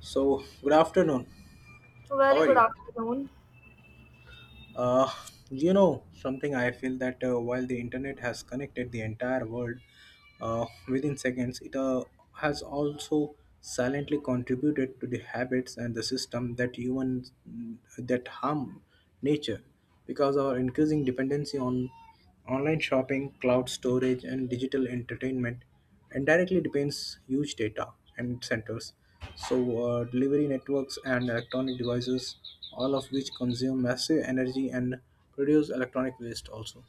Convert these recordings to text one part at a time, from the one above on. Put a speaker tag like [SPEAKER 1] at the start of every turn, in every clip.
[SPEAKER 1] So, good afternoon. How
[SPEAKER 2] Very
[SPEAKER 1] are
[SPEAKER 2] good
[SPEAKER 1] you?
[SPEAKER 2] afternoon.
[SPEAKER 1] Uh, Something I feel that while the internet has connected the entire world within seconds, it has also silently contributed to the habits and the system that even that harm nature, because our increasing dependency on online shopping, cloud storage, and digital entertainment and directly depends huge data and centers. So delivery networks and electronic devices, all of which consume massive energy and produce electronic waste also.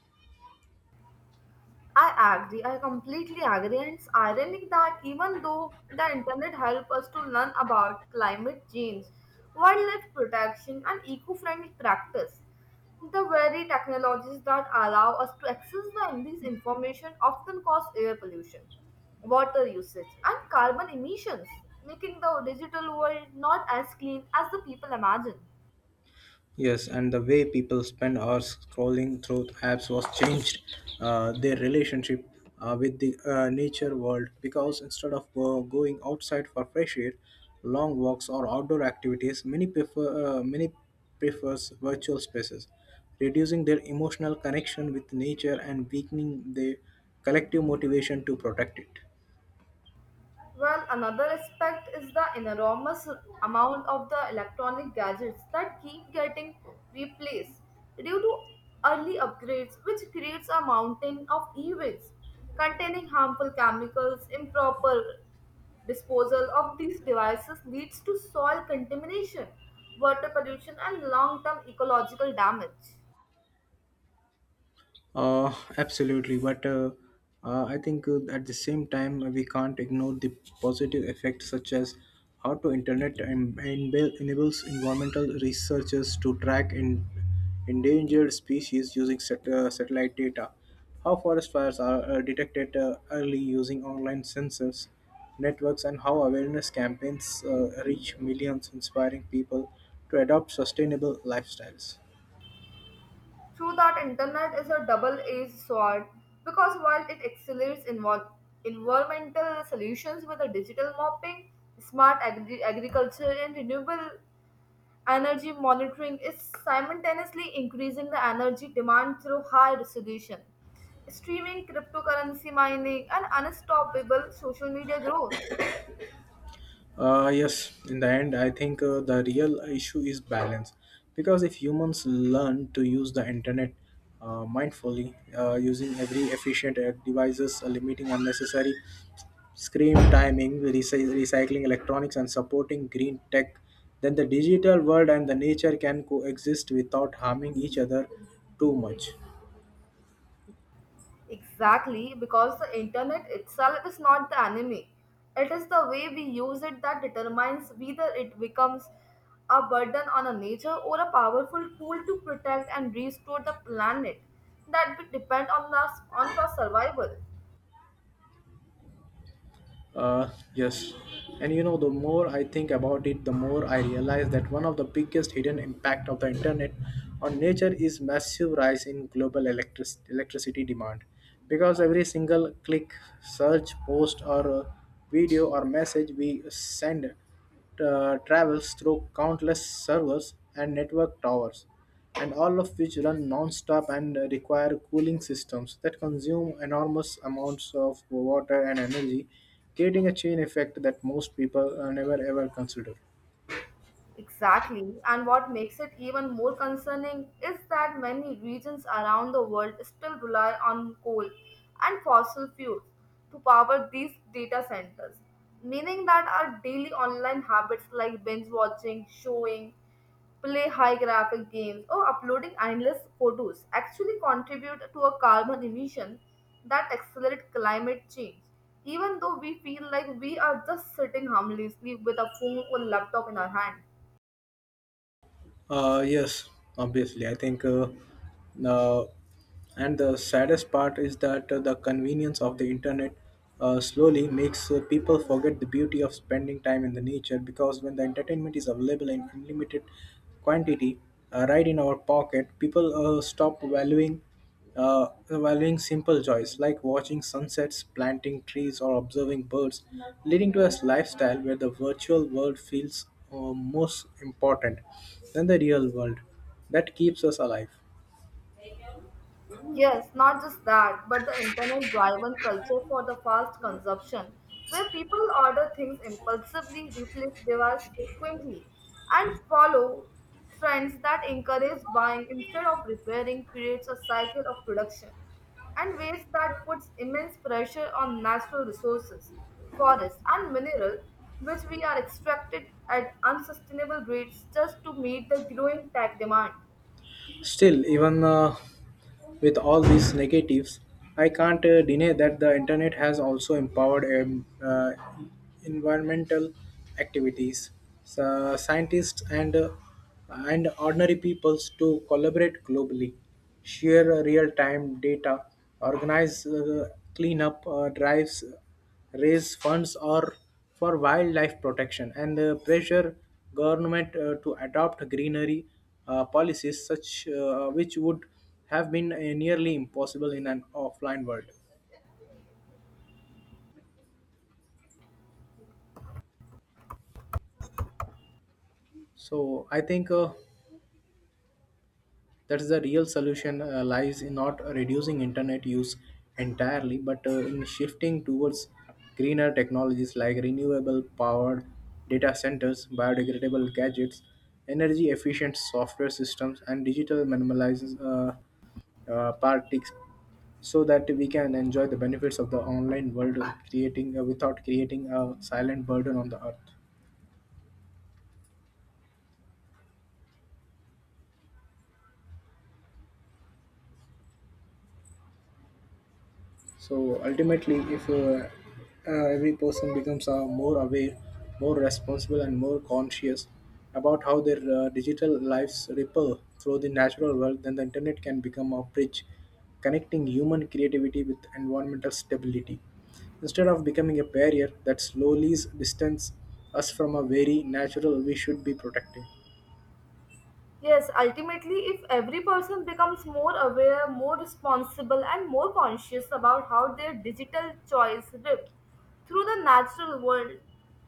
[SPEAKER 2] I agree. I completely agree. And it's ironic that even though the internet helped us to learn about climate change, wildlife protection, and eco-friendly practice, the very technologies that allow us to access this information often cause air pollution, water usage, and carbon emissions, making the digital world not as clean as the people imagine.
[SPEAKER 1] Yes, and the way people spend hours scrolling through apps was changed their relationship with the nature world, because instead of going outside for fresh air, long walks or outdoor activities, many prefers virtual spaces, reducing their emotional connection with nature and weakening their collective motivation to protect it.
[SPEAKER 2] Well, another aspect is the enormous amount of the electronic gadgets that keep getting replaced due to early upgrades, which creates a mountain of e-waste containing harmful chemicals. Improper disposal of these devices leads to soil contamination, water pollution, and long-term ecological damage.
[SPEAKER 1] Absolutely, but I think at the same time we can't ignore the positive effects, such as how to internet enables environmental researchers to track in endangered species using satellite data, how forest fires are detected early using online sensors networks, and how awareness campaigns reach millions, inspiring people to adopt sustainable lifestyles.
[SPEAKER 2] True that internet is a double-edged sword because while it accelerates environmental solutions with a digital mapping, smart agriculture and renewable energy monitoring is simultaneously increasing the energy demand through high resolution, streaming, cryptocurrency mining, and unstoppable social media growth.
[SPEAKER 1] Yes, in the end, I think the real issue is balance. Because if humans learn to use the internet mindfully, using every efficient devices, limiting unnecessary screen timing, recycling electronics, and supporting green tech, then the digital world and the nature can coexist without harming each other too much.
[SPEAKER 2] Exactly, because the internet itself is not the enemy. It is the way we use it that determines whether it becomes a burden on a nature or a powerful tool to protect and restore the planet that we depend on us on for survival.
[SPEAKER 1] Uh, yes. And you know, the more I think about it, the more I realize that one of the biggest hidden impact of the internet on nature is massive rise in global electricity demand. Because every single click, search, post, or video or message we send travels through countless servers and network towers, and all of which run non-stop and require cooling systems that consume enormous amounts of water and energy, creating a chain effect that most people never ever consider.
[SPEAKER 2] Exactly, and what makes it even more concerning is that many regions around the world still rely on coal and fossil fuels to power these data centers, meaning that our daily online habits like binge watching, showing, play high graphic games, or uploading endless photos actually contribute to a carbon emission that accelerate climate change, even though we feel like we are just sitting harmlessly with a phone or laptop in our hand.
[SPEAKER 1] Yes, obviously. I think, uh, uh, and the saddest part is that the convenience of the internet slowly makes people forget the beauty of spending time in the nature, because when the entertainment is available in unlimited quantity right in our pocket, people stop valuing simple joys like watching sunsets, planting trees, or observing birds, leading to a lifestyle where the virtual world feels most important than the real world. That keeps us alive.
[SPEAKER 2] Yes, not just that, but the internet driven culture for the fast consumption, where people order things impulsively, replace devices frequently, and follow trends that encourage buying instead of repairing, creates a cycle of production and waste that puts immense pressure on natural resources, forests, and minerals, which we are extracted at unsustainable rates just to meet the growing tech demand.
[SPEAKER 1] Still, even with all these negatives, I can't deny that the internet has also empowered environmental activities. So, scientists and and ordinary peoples to collaborate globally, share real-time data, organize cleanup drives, raise funds or for wildlife protection and pressure government to adopt greenery policies such which would have been nearly impossible in an offline world. So I think that is the real solution lies in not reducing internet use entirely, but in shifting towards greener technologies like renewable powered data centers, biodegradable gadgets, energy efficient software systems, and digital minimalizes parties, so that we can enjoy the benefits of the online world creating without creating a silent burden on the earth. So ultimately, if every person becomes more aware, more responsible, and more conscious about how their digital lives ripple through the natural world, then the internet can become a bridge connecting human creativity with environmental stability, instead of becoming a barrier that slowly distances us from a very natural we should be protecting.
[SPEAKER 2] Yes, ultimately, if every person becomes more aware, more responsible, and more conscious about how their digital choice rip through the natural world,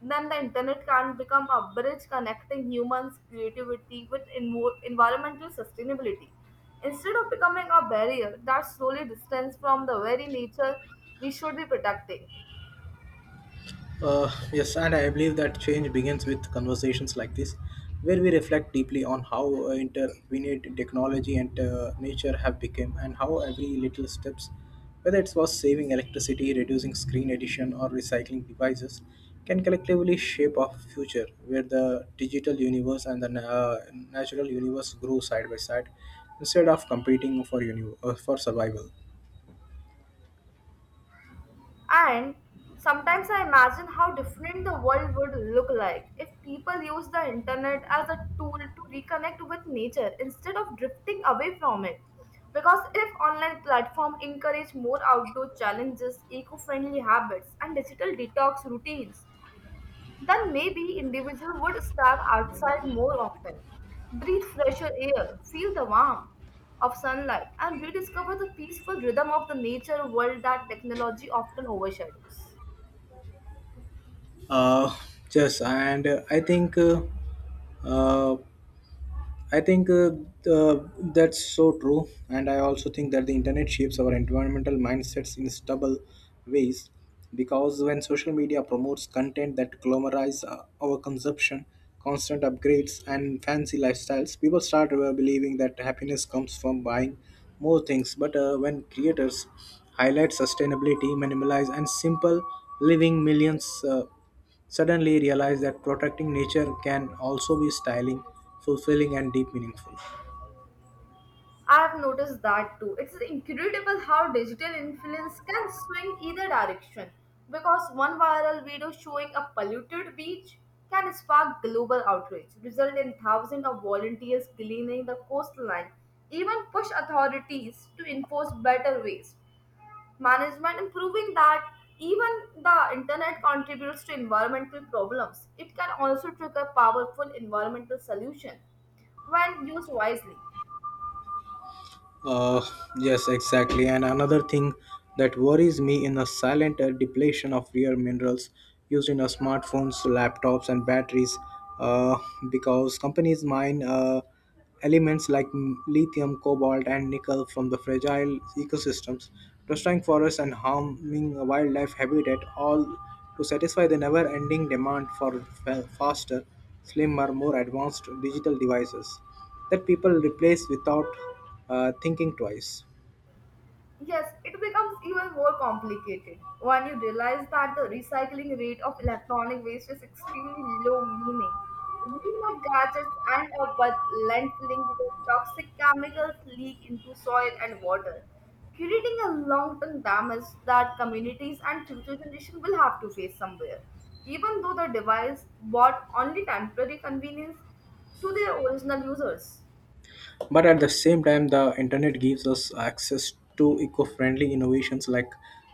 [SPEAKER 2] then the internet can become a bridge connecting humans' creativity with environmental sustainability. Instead of becoming a barrier that slowly distances from the very nature we should be protecting.
[SPEAKER 1] Yes, and I believe that change begins with conversations like this, where we reflect deeply on how intervened technology and nature have become, and how every little steps, whether it was saving electricity, reducing screen addition, or recycling devices, can collectively shape our future, where the digital universe and the natural universe grow side by side, instead of competing for for survival.
[SPEAKER 2] And sometimes I imagine how different the world would look like if people use the internet as a tool to reconnect with nature instead of drifting away from it. Because if online platforms encourage more outdoor challenges, eco-friendly habits, and digital detox routines, then maybe individual would step outside more often, breathe fresher air, feel the warmth of sunlight, and rediscover the peaceful rhythm of the nature world that technology often overshadows.
[SPEAKER 1] Uh, yes, and I think. Uh, I think uh, that's so true, and I also think that the internet shapes our environmental mindsets in stubble ways. Because when social media promotes content that glamorizes our consumption, constant upgrades, and fancy lifestyles, people start believing that happiness comes from buying more things. But when creators highlight sustainability, minimalize, and simple living, millions suddenly realized that protecting nature can also be styling, fulfilling, and deep meaningful.
[SPEAKER 2] I've noticed that too. It's incredible how digital influence can swing either direction because one viral video showing a polluted beach can spark global outrage, result in thousands of volunteers cleaning the coastline, even push authorities to enforce better waste management and proving that even the internet contributes to environmental problems. It can also trigger powerful environmental solutions when used wisely.
[SPEAKER 1] Uh, yes, exactly. And another thing that worries me in the silent depletion of rare minerals used in our smartphones, laptops, and batteries, uh, because companies mine elements like lithium, cobalt, and nickel from the fragile ecosystems, destroying forests and harming wildlife habitat, all to satisfy the never-ending demand for faster, slimmer, more advanced digital devices that people replace without thinking twice.
[SPEAKER 2] Yes, it becomes even more complicated when you realize that the recycling rate of electronic waste is extremely low, meaning millions of gadgets end up with landfilling where toxic chemicals leak into soil and water, creating a long-term damage that communities and future generations will have to face somewhere. Even though the device brought only temporary convenience to their original users.
[SPEAKER 1] But at the same time, the internet gives us access to eco friendly innovations like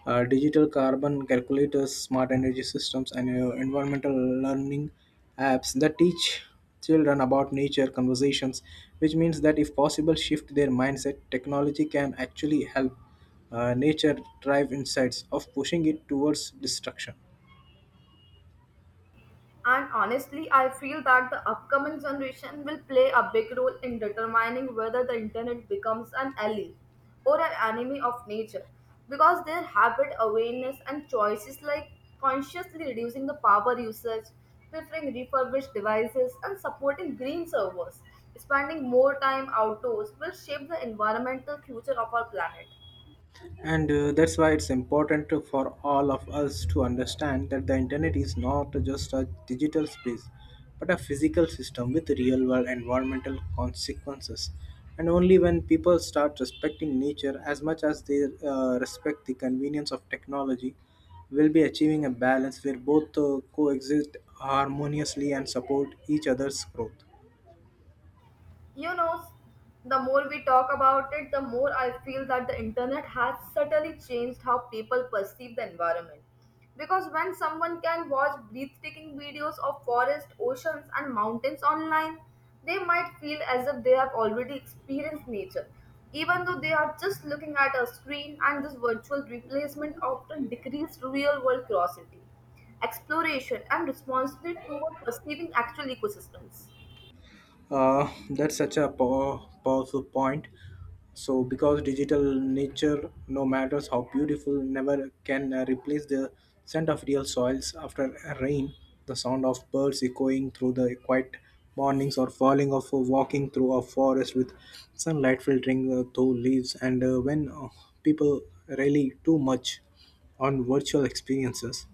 [SPEAKER 1] digital carbon calculators, smart energy systems, and environmental learning apps that teach children about nature conversations, which means that if possible, shift their mindset, technology can actually help nature drive insights of pushing it towards destruction.
[SPEAKER 2] And honestly, I feel that the upcoming generation will play a big role in determining whether the internet becomes an ally or an enemy of nature because their habit awareness and choices like consciously reducing the power usage, preferring refurbished devices, and supporting green servers, spending more time outdoors will shape the environmental future of our planet.
[SPEAKER 1] And that's why it's important for all of us to understand that the internet is not just a digital space, but a physical system with real world environmental consequences. And only when people start respecting nature as much as they respect the convenience of technology, will be achieving a balance where both coexist harmoniously and support each other's growth.
[SPEAKER 2] You know, the more we talk about it, the more I feel that the internet has subtly changed how people perceive the environment, because when someone can watch breathtaking videos of forests, oceans, and mountains online, they might feel as if they have already experienced nature, even though they are just looking at a screen, and this virtual replacement often decreases real world curiosity, exploration, and responsibility toward perceiving actual ecosystems.
[SPEAKER 1] That's such a powerful point. So, because digital nature, no matter how beautiful, never can replace the scent of real soils after a rain, the sound of birds echoing through the quiet mornings, or falling off or walking through a forest with sunlight filtering through leaves, and when people rally too much on virtual experiences,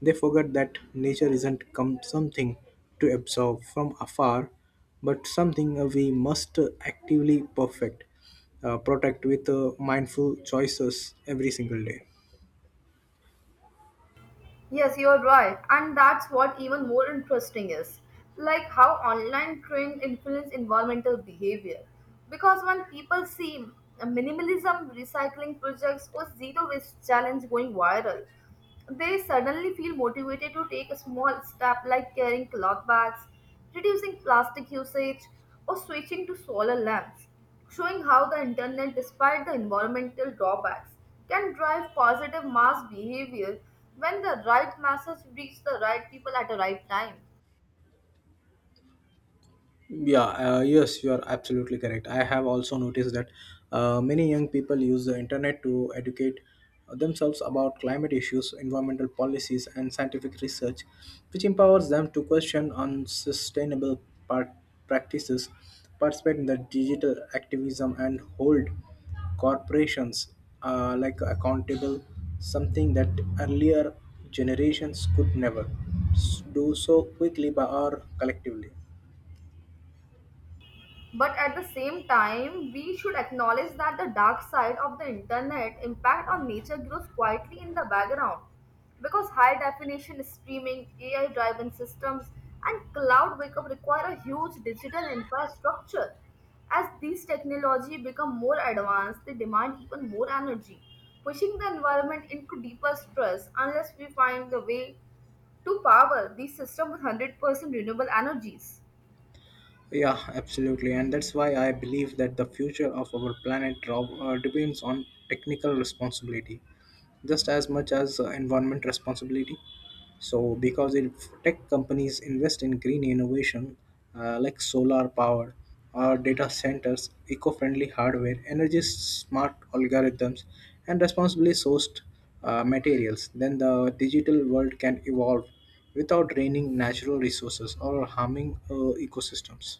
[SPEAKER 1] they forget that nature isn't come something to absorb from afar, but something we must actively perfect, protect with mindful choices every single day.
[SPEAKER 2] Yes, you're right. And that's what even more interesting is like how online trends influence environmental behavior. Because when people see minimalism recycling projects or zero waste challenge going viral, they suddenly feel motivated to take a small step like carrying cloth bags, reducing plastic usage, or switching to solar lamps showing how the internet, despite the environmental drawbacks, can drive positive mass behavior when the right message reaches the right people at the right time.
[SPEAKER 1] Yeah, yes, you are absolutely correct. I have also noticed that many young people use the internet to educate themselves about climate issues, environmental policies, and scientific research, which empowers them to question unsustainable par- practices, participate in the digital activism, and hold corporations like accountable, something that earlier generations could never do so quickly by or collectively.
[SPEAKER 2] But at the same time, we should acknowledge that the dark side of the internet impact on nature grows quietly in the background because high definition streaming, AI driven systems, and cloud backup require a huge digital infrastructure. As these technology become more advanced, they demand even more energy, pushing the environment into deeper stress unless we find the way to power these systems with 100% renewable energies.
[SPEAKER 1] Yeah, absolutely. And that's why I believe that the future of our planet Rob, depends on technical responsibility just as much as environment responsibility. So, because if tech companies invest in green innovation like solar power or data centers, eco friendly hardware, energy smart algorithms, and responsibly sourced materials, then the digital world can evolve without draining natural resources or harming ecosystems.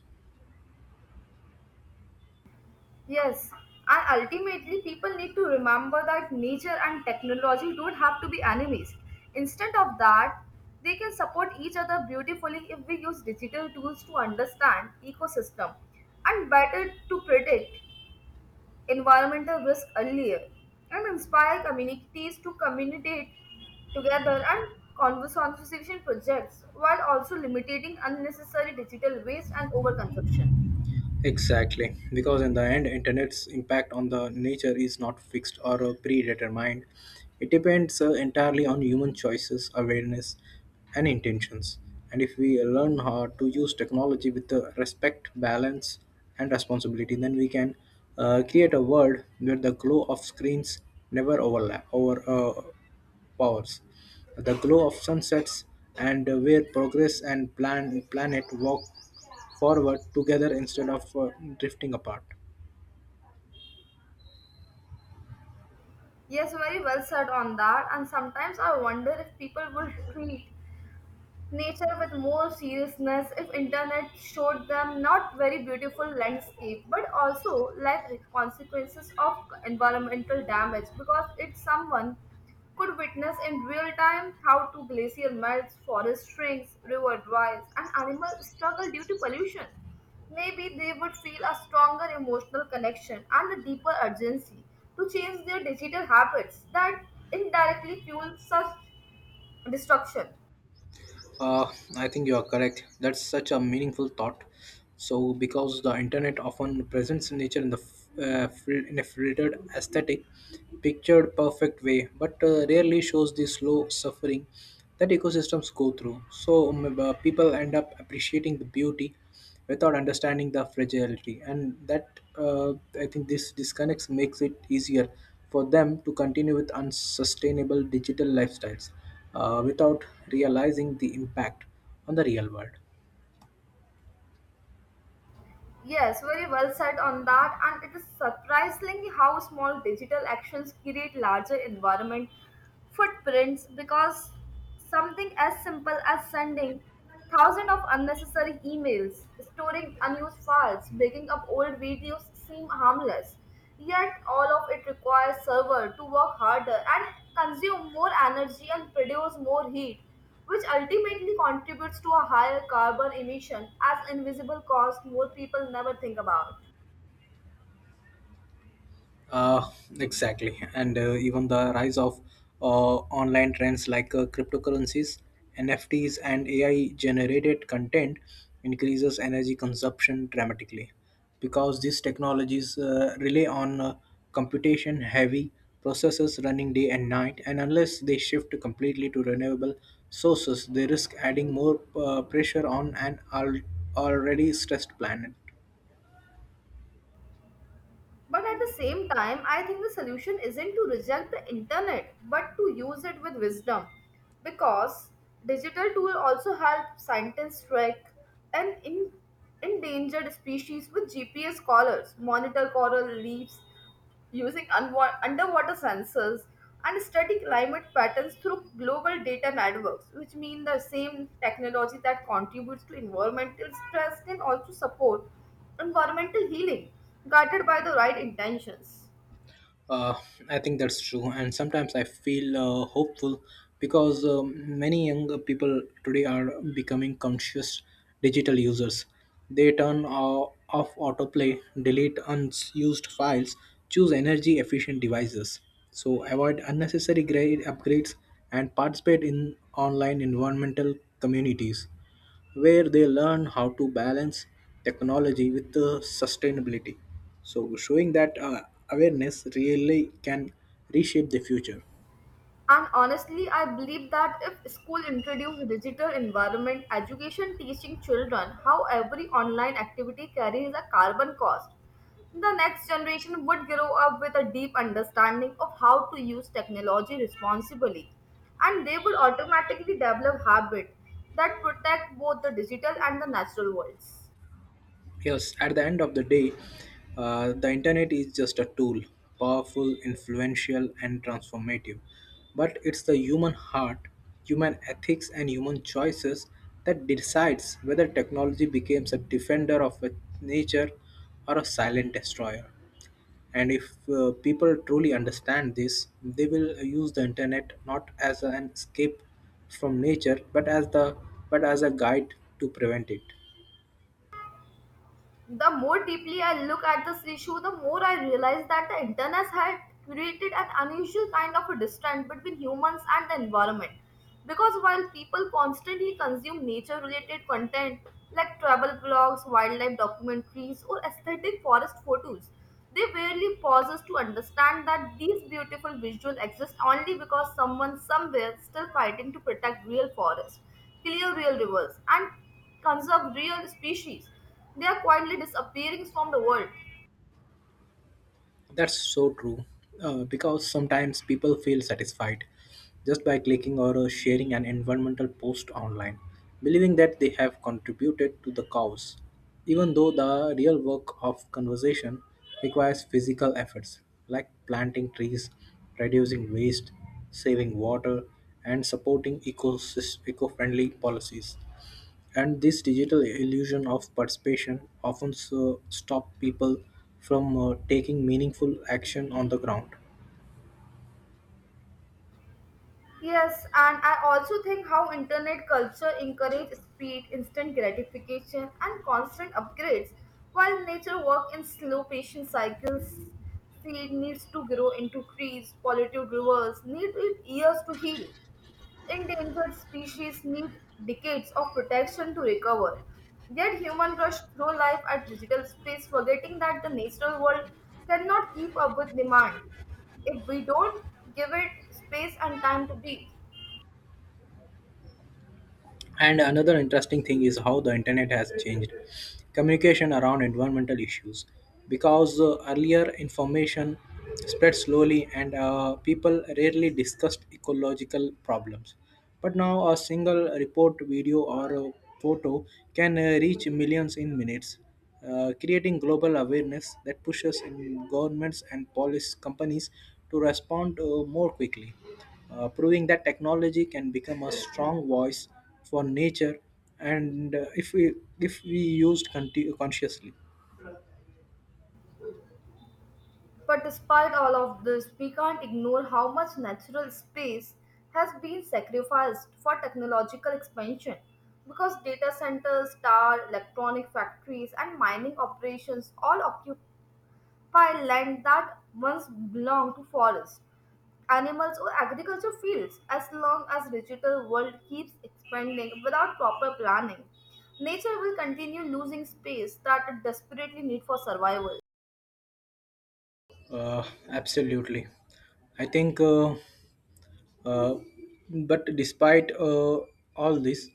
[SPEAKER 2] Yes, and ultimately, people need to remember that nature and technology don't have to be enemies. Instead of that, they can support each other beautifully if we use digital tools to understand ecosystem and better to predict environmental risk earlier and inspire communities to communicate together and conservation projects while also limiting unnecessary digital waste and overconsumption.
[SPEAKER 1] Exactly, because in the end, internet's impact on the nature is not fixed or predetermined. It depends entirely on human choices, awareness, and intentions. And if we learn how to use technology with respect, balance, and responsibility, then we can create a world where the glow of screens never overlap over powers, the glow of sunsets, and where progress and planet walk forward together instead of drifting apart.
[SPEAKER 2] Yes, very well said on that. And sometimes I wonder if people would treat nature with more seriousness if internet showed them not very beautiful landscape but also life consequences of environmental damage, because it's someone could witness in real time how to glacier melts, forest shrinks, river dries, and animals struggle due to pollution, maybe they would feel a stronger emotional connection and a deeper urgency to change their digital habits that indirectly fuel such destruction.
[SPEAKER 1] Uh, I think you are correct. That's such a meaningful thought. So, because the internet often presents nature in the in a filtered, aesthetic, pictured, perfect way, but rarely shows the slow suffering that ecosystems go through. So, people end up appreciating the beauty without understanding the fragility, and that I think this disconnects makes it easier for them to continue with unsustainable digital lifestyles without realizing the impact on the real world.
[SPEAKER 2] Yes, very well said on that. And it is surprising how small digital actions create larger environment footprints because something as simple as sending thousands of unnecessary emails, storing unused files, breaking up old videos seem harmless. Yet all of it requires server to work harder and consume more energy and produce more heat which ultimately contributes to a higher carbon emission as invisible cost, more people never think about.
[SPEAKER 1] Uh, exactly, and even the rise of online trends like cryptocurrencies, NFTs, and AI-generated content increases energy consumption dramatically, because these technologies rely on computation-heavy processes running day and night, and unless they shift completely to renewable sources, they risk adding more pressure on an already stressed planet.
[SPEAKER 2] But at the same time, I think the solution isn't to reject the internet but to use it with wisdom because digital tool also help scientists track an in- endangered species with GPS collars, monitor coral reefs, using underwater sensors and study climate patterns through global data networks, which mean the same technology that contributes to environmental stress can also support environmental healing, guided by the right intentions.
[SPEAKER 1] Uh, I think that's true, and sometimes I feel hopeful because many young people today are becoming conscious digital users. They turn off autoplay, delete unused files, choose energy efficient devices, so avoid unnecessary grade upgrades, and participate in online environmental communities where they learn how to balance technology with sustainability. So, showing that awareness really can reshape the future.
[SPEAKER 2] And honestly, I believe that if school introduce digital environment education teaching children how every online activity carries a carbon cost, the next generation would grow up with a deep understanding of how to use technology responsibly. And they would automatically develop habits that protect both the digital and the natural worlds.
[SPEAKER 1] Yes, at the end of the day, the internet is just a tool, powerful, influential, and transformative. But it's the human heart, human ethics, and human choices that decides whether technology becomes a defender of nature or a silent destroyer. And if people truly understand this, they will use the internet not as an escape from nature, but as the but as a guide to prevent it.
[SPEAKER 2] The more deeply I look at this issue, the more I realize that the internet had created an unusual kind of a distance between humans and the environment. Because while people constantly consume nature related content like travel blogs, wildlife documentaries, or aesthetic forest photos, they rarely pauses to understand that these beautiful visuals exist only because someone somewhere is still fighting to protect real forests, clear real rivers, and conserve real species. They are quietly disappearing from the world.
[SPEAKER 1] That's so true. Because sometimes people feel satisfied just by clicking or sharing an environmental post online, believing that they have contributed to the cause, even though the real work of conservation requires physical efforts like planting trees, reducing waste, saving water, and supporting eco friendly policies. And this digital illusion of participation often so stop people from taking meaningful action on the ground.
[SPEAKER 2] Yes, and I also think how internet culture encourages speed, instant gratification, and constant upgrades, while nature work in slow, patient cycles. Seed needs to grow into trees, polluted rivers need it years to heal. Endangered species need decades of protection to recover. Yet humans rush through life at digital space, forgetting that the natural world cannot keep up with demand if we don't give it space and time to breathe.
[SPEAKER 1] And another interesting thing is how the internet has changed communication around environmental issues. Because earlier information spread slowly and people rarely discussed ecological problems. But now a single report, video, or a photo can reach millions in minutes, creating global awareness that pushes in governments and police companies to respond more quickly, proving that technology can become a strong voice for nature, and if we used consciously.
[SPEAKER 2] But despite all of this, we can't ignore how much natural space has been sacrificed for technological expansion because data centers, star, electronic factories, and mining operations all occupy by land that once belonged to forests, animals, or agriculture fields as long as digital world keeps expanding without proper planning. Nature will continue losing space that it desperately needs for survival.
[SPEAKER 1] Uh, absolutely I think uh, but despite all this,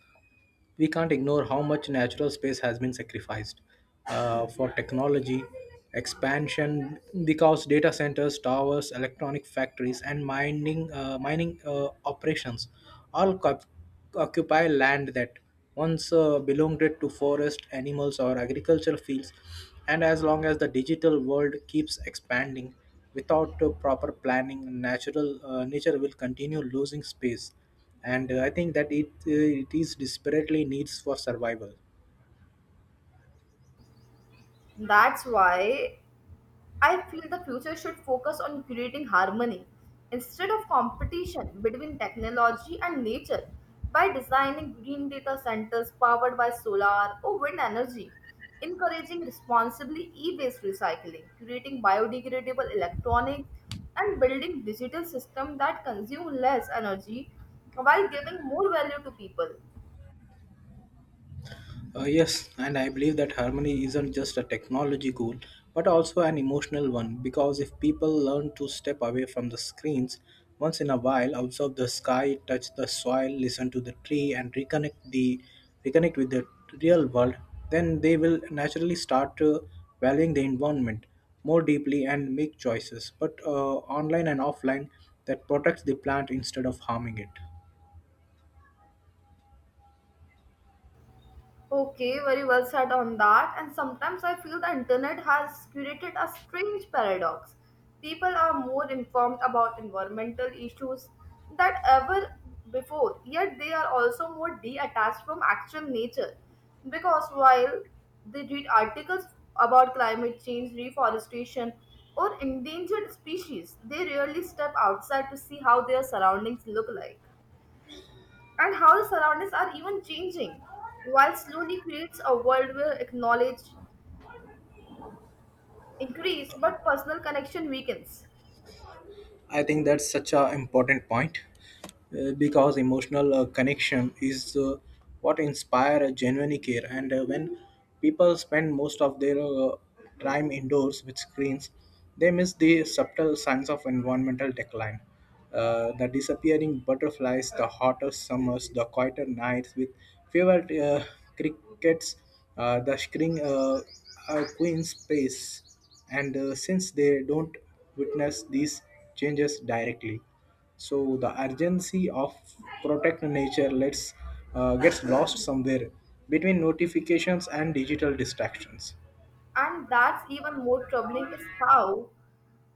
[SPEAKER 1] we can't ignore how much natural space has been sacrificed for technology expansion, because data centers, towers, electronic factories, and mining operations all co- occupy land that once belonged to forest animals or agricultural fields. And as long as the digital world keeps expanding without proper planning, natural nature will continue losing space and I think that it is desperately needs for survival.
[SPEAKER 2] That's why I feel the future should focus on creating harmony instead of competition between technology and nature by designing green data centers powered by solar or wind energy, encouraging responsibly e waste recycling, creating biodegradable electronics, and building digital systems that consume less energy while giving more value to people.
[SPEAKER 1] Yes, and I believe that harmony isn't just a technology goal but also an emotional one, because if people learn to step away from the screens once in a while, observe the sky, touch the soil, listen to the tree and reconnect with the real world, then they will naturally start valuing the environment more deeply and make choices, but online and offline, that protects the plant instead of harming it.
[SPEAKER 2] Okay, very well said on that. And sometimes I feel the internet has created a strange paradox. People are more informed about environmental issues than ever before, yet they are also more detached from actual nature. Because while they read articles about climate change, reforestation, or endangered species, they rarely step outside to see how their surroundings look like and how the surroundings are even changing, while slowly creates a world where acknowledge increase but personal connection weakens.
[SPEAKER 1] I think that's such a important point, because emotional connection is what inspire a genuine care. And when people spend most of their time indoors with screens, they miss the subtle signs of environmental decline, the disappearing butterflies, the hotter summers, the quieter nights with fewer uh, crickets, the screen queen space. And since they don't witness these changes directly, so the urgency of protect nature lets, gets lost somewhere between notifications and digital distractions.
[SPEAKER 2] And that's even more troubling is how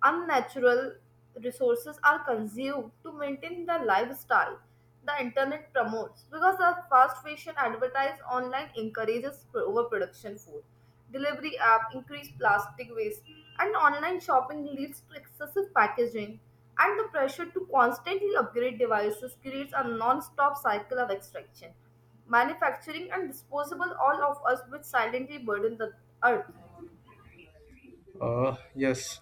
[SPEAKER 2] unnatural resources are consumed to maintain the lifestyle the internet promotes because the fast fashion advertised online encourages overproduction, food delivery app increase plastic waste, and online shopping leads to excessive packaging, and the pressure to constantly upgrade devices creates a non-stop cycle of extraction, manufacturing, and disposable all of us, which silently burden the earth.
[SPEAKER 1] Yes,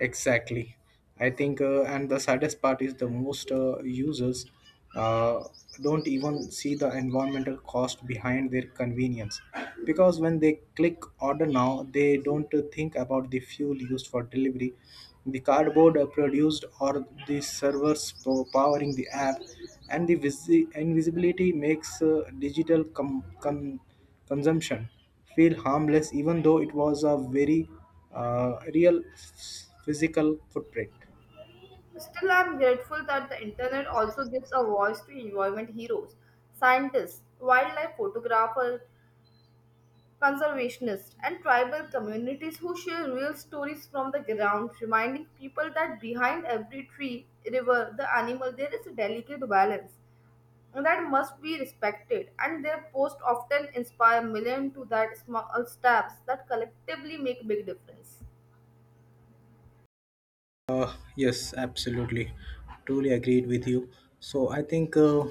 [SPEAKER 1] exactly. I think and the saddest part is the most users uh, don't even see the environmental cost behind their convenience, because when they click order now, they don't think about the fuel used for delivery, the cardboard produced, or the servers powering the app. And the invisibility makes digital consumption feel harmless, even though it was a very real physical footprint.
[SPEAKER 2] Still, I'm grateful that the internet also gives a voice to environment heroes, scientists, wildlife photographers, conservationists, and tribal communities who share real stories from the ground, reminding people that behind every tree, river, the animal, there is a delicate balance that must be respected, and their posts often inspire millions to that small steps that collectively make big difference.
[SPEAKER 1] Yes, absolutely. Truly agreed with you. So I think uh,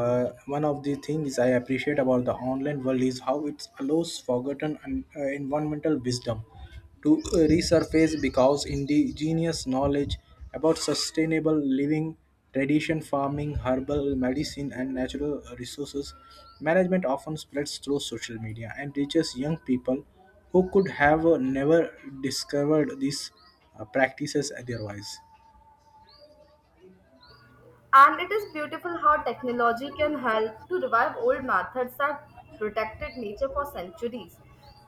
[SPEAKER 1] Uh, one of the things I appreciate about the online world is how it allows forgotten and environmental wisdom to resurface, because indigenous knowledge about sustainable living, tradition farming, herbal medicine, and natural resources management often spreads through social media and reaches young people who could have never discovered these practices otherwise.
[SPEAKER 2] And it is beautiful how technology can help to revive old methods that protected nature for centuries.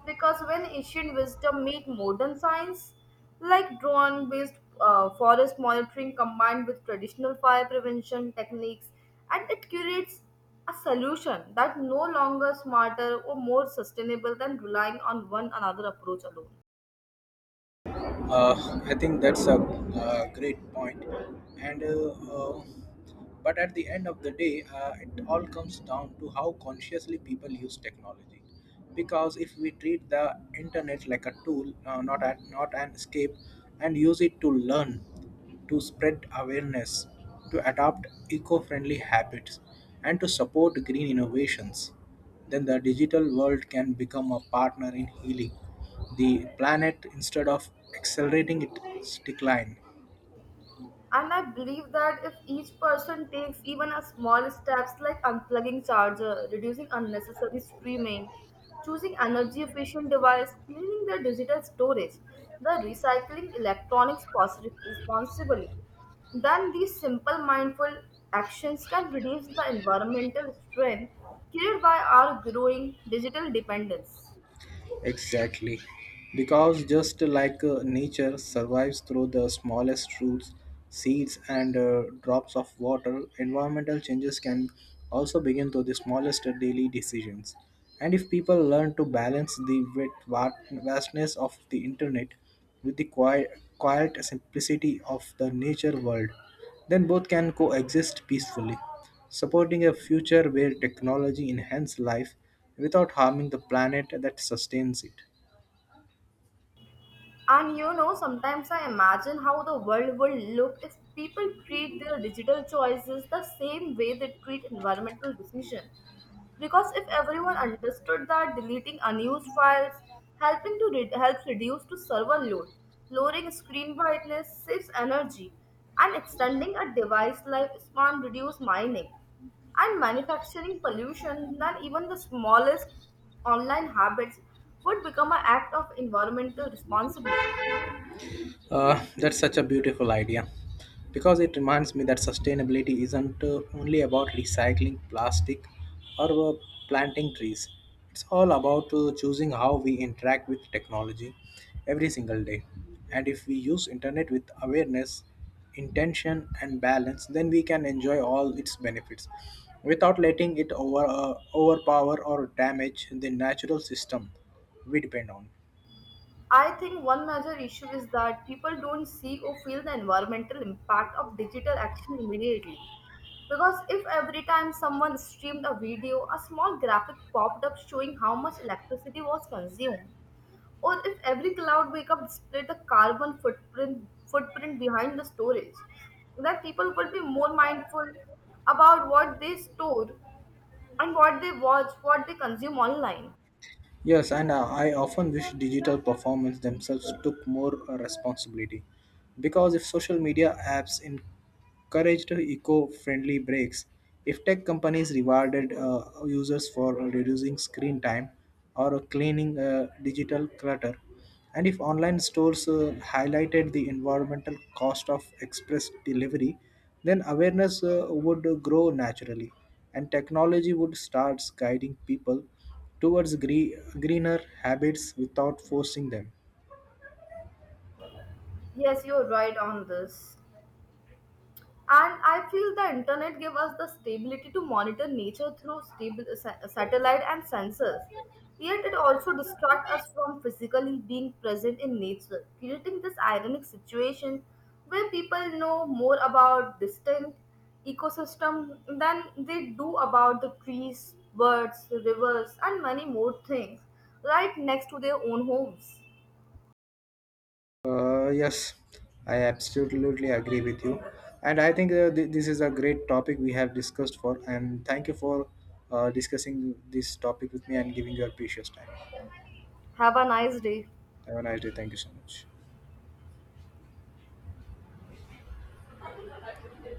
[SPEAKER 2] Because when ancient wisdom meet modern science, like drone-based forest monitoring combined with traditional fire prevention techniques, and it creates a solution that no longer smarter or more sustainable than relying on one another approach alone.
[SPEAKER 1] I think that's a, great point. And but at the end of the day, it all comes down to how consciously people use technology. Because if we treat the internet like a tool, not a, not an escape, and use it to learn, to spread awareness, to adopt eco-friendly habits, and to support green innovations, then the digital world can become a partner in healing the planet instead of accelerating its decline.
[SPEAKER 2] And I believe that if each person takes even a small steps like unplugging charger, reducing unnecessary streaming, choosing energy efficient device, cleaning their digital storage, the recycling electronics responsibly, then these simple mindful actions can reduce the environmental strain created by our growing digital dependence.
[SPEAKER 1] Exactly. Because just like nature survives through the smallest roots, seeds, and drops of water, environmental changes can also begin through the smallest daily decisions. And if people learn to balance the vastness of the internet with the quiet simplicity of the nature world, then both can coexist peacefully, supporting a future where technology enhances life without harming the planet that sustains it.
[SPEAKER 2] And you know, sometimes I imagine how the world would look if people treat their digital choices the same way they treat environmental decisions. Because if everyone understood that deleting unused files helps reduce to server load, lowering screen brightness saves energy, and extending a device lifespan reduce mining and manufacturing pollution, then even the smallest online habits would become an act of environmental responsibility.
[SPEAKER 1] That's such a beautiful idea, because it reminds me that sustainability isn't only about recycling plastic or planting trees. It's all about choosing how we interact with technology every single day. And if we use internet with awareness, intention and balance, then we can enjoy all its benefits without letting it overpower or damage the natural system we depend on.
[SPEAKER 2] I think one major issue is that people don't see or feel the environmental impact of digital action immediately. Because if every time someone streamed a video, a small graphic popped up showing how much electricity was consumed, or if every cloud wake-up displayed the carbon footprint behind the storage, then people would be more mindful about what they store and what they watch, what they consume online.
[SPEAKER 1] Yes, and I often wish digital performers themselves took more responsibility. Because if social media apps encouraged eco friendly breaks, if tech companies rewarded users for reducing screen time or cleaning digital clutter, and if online stores highlighted the environmental cost of express delivery, then awareness would grow naturally and technology would start guiding people towards greener habits without forcing them.
[SPEAKER 2] Yes, you're right on this. And I feel the internet gave us the stability to monitor nature through stable satellite and sensors. Yet it also distracts us from physically being present in nature, creating this ironic situation where people know more about distant ecosystem than they do about the trees, birds, rivers, and many more things right next to their own homes.
[SPEAKER 1] Yes, I absolutely agree with you. And I think this is a great topic we have discussed for. And thank you for discussing this topic with me and giving your precious time.
[SPEAKER 2] Have a nice day.
[SPEAKER 1] Have a nice day. Thank you so much.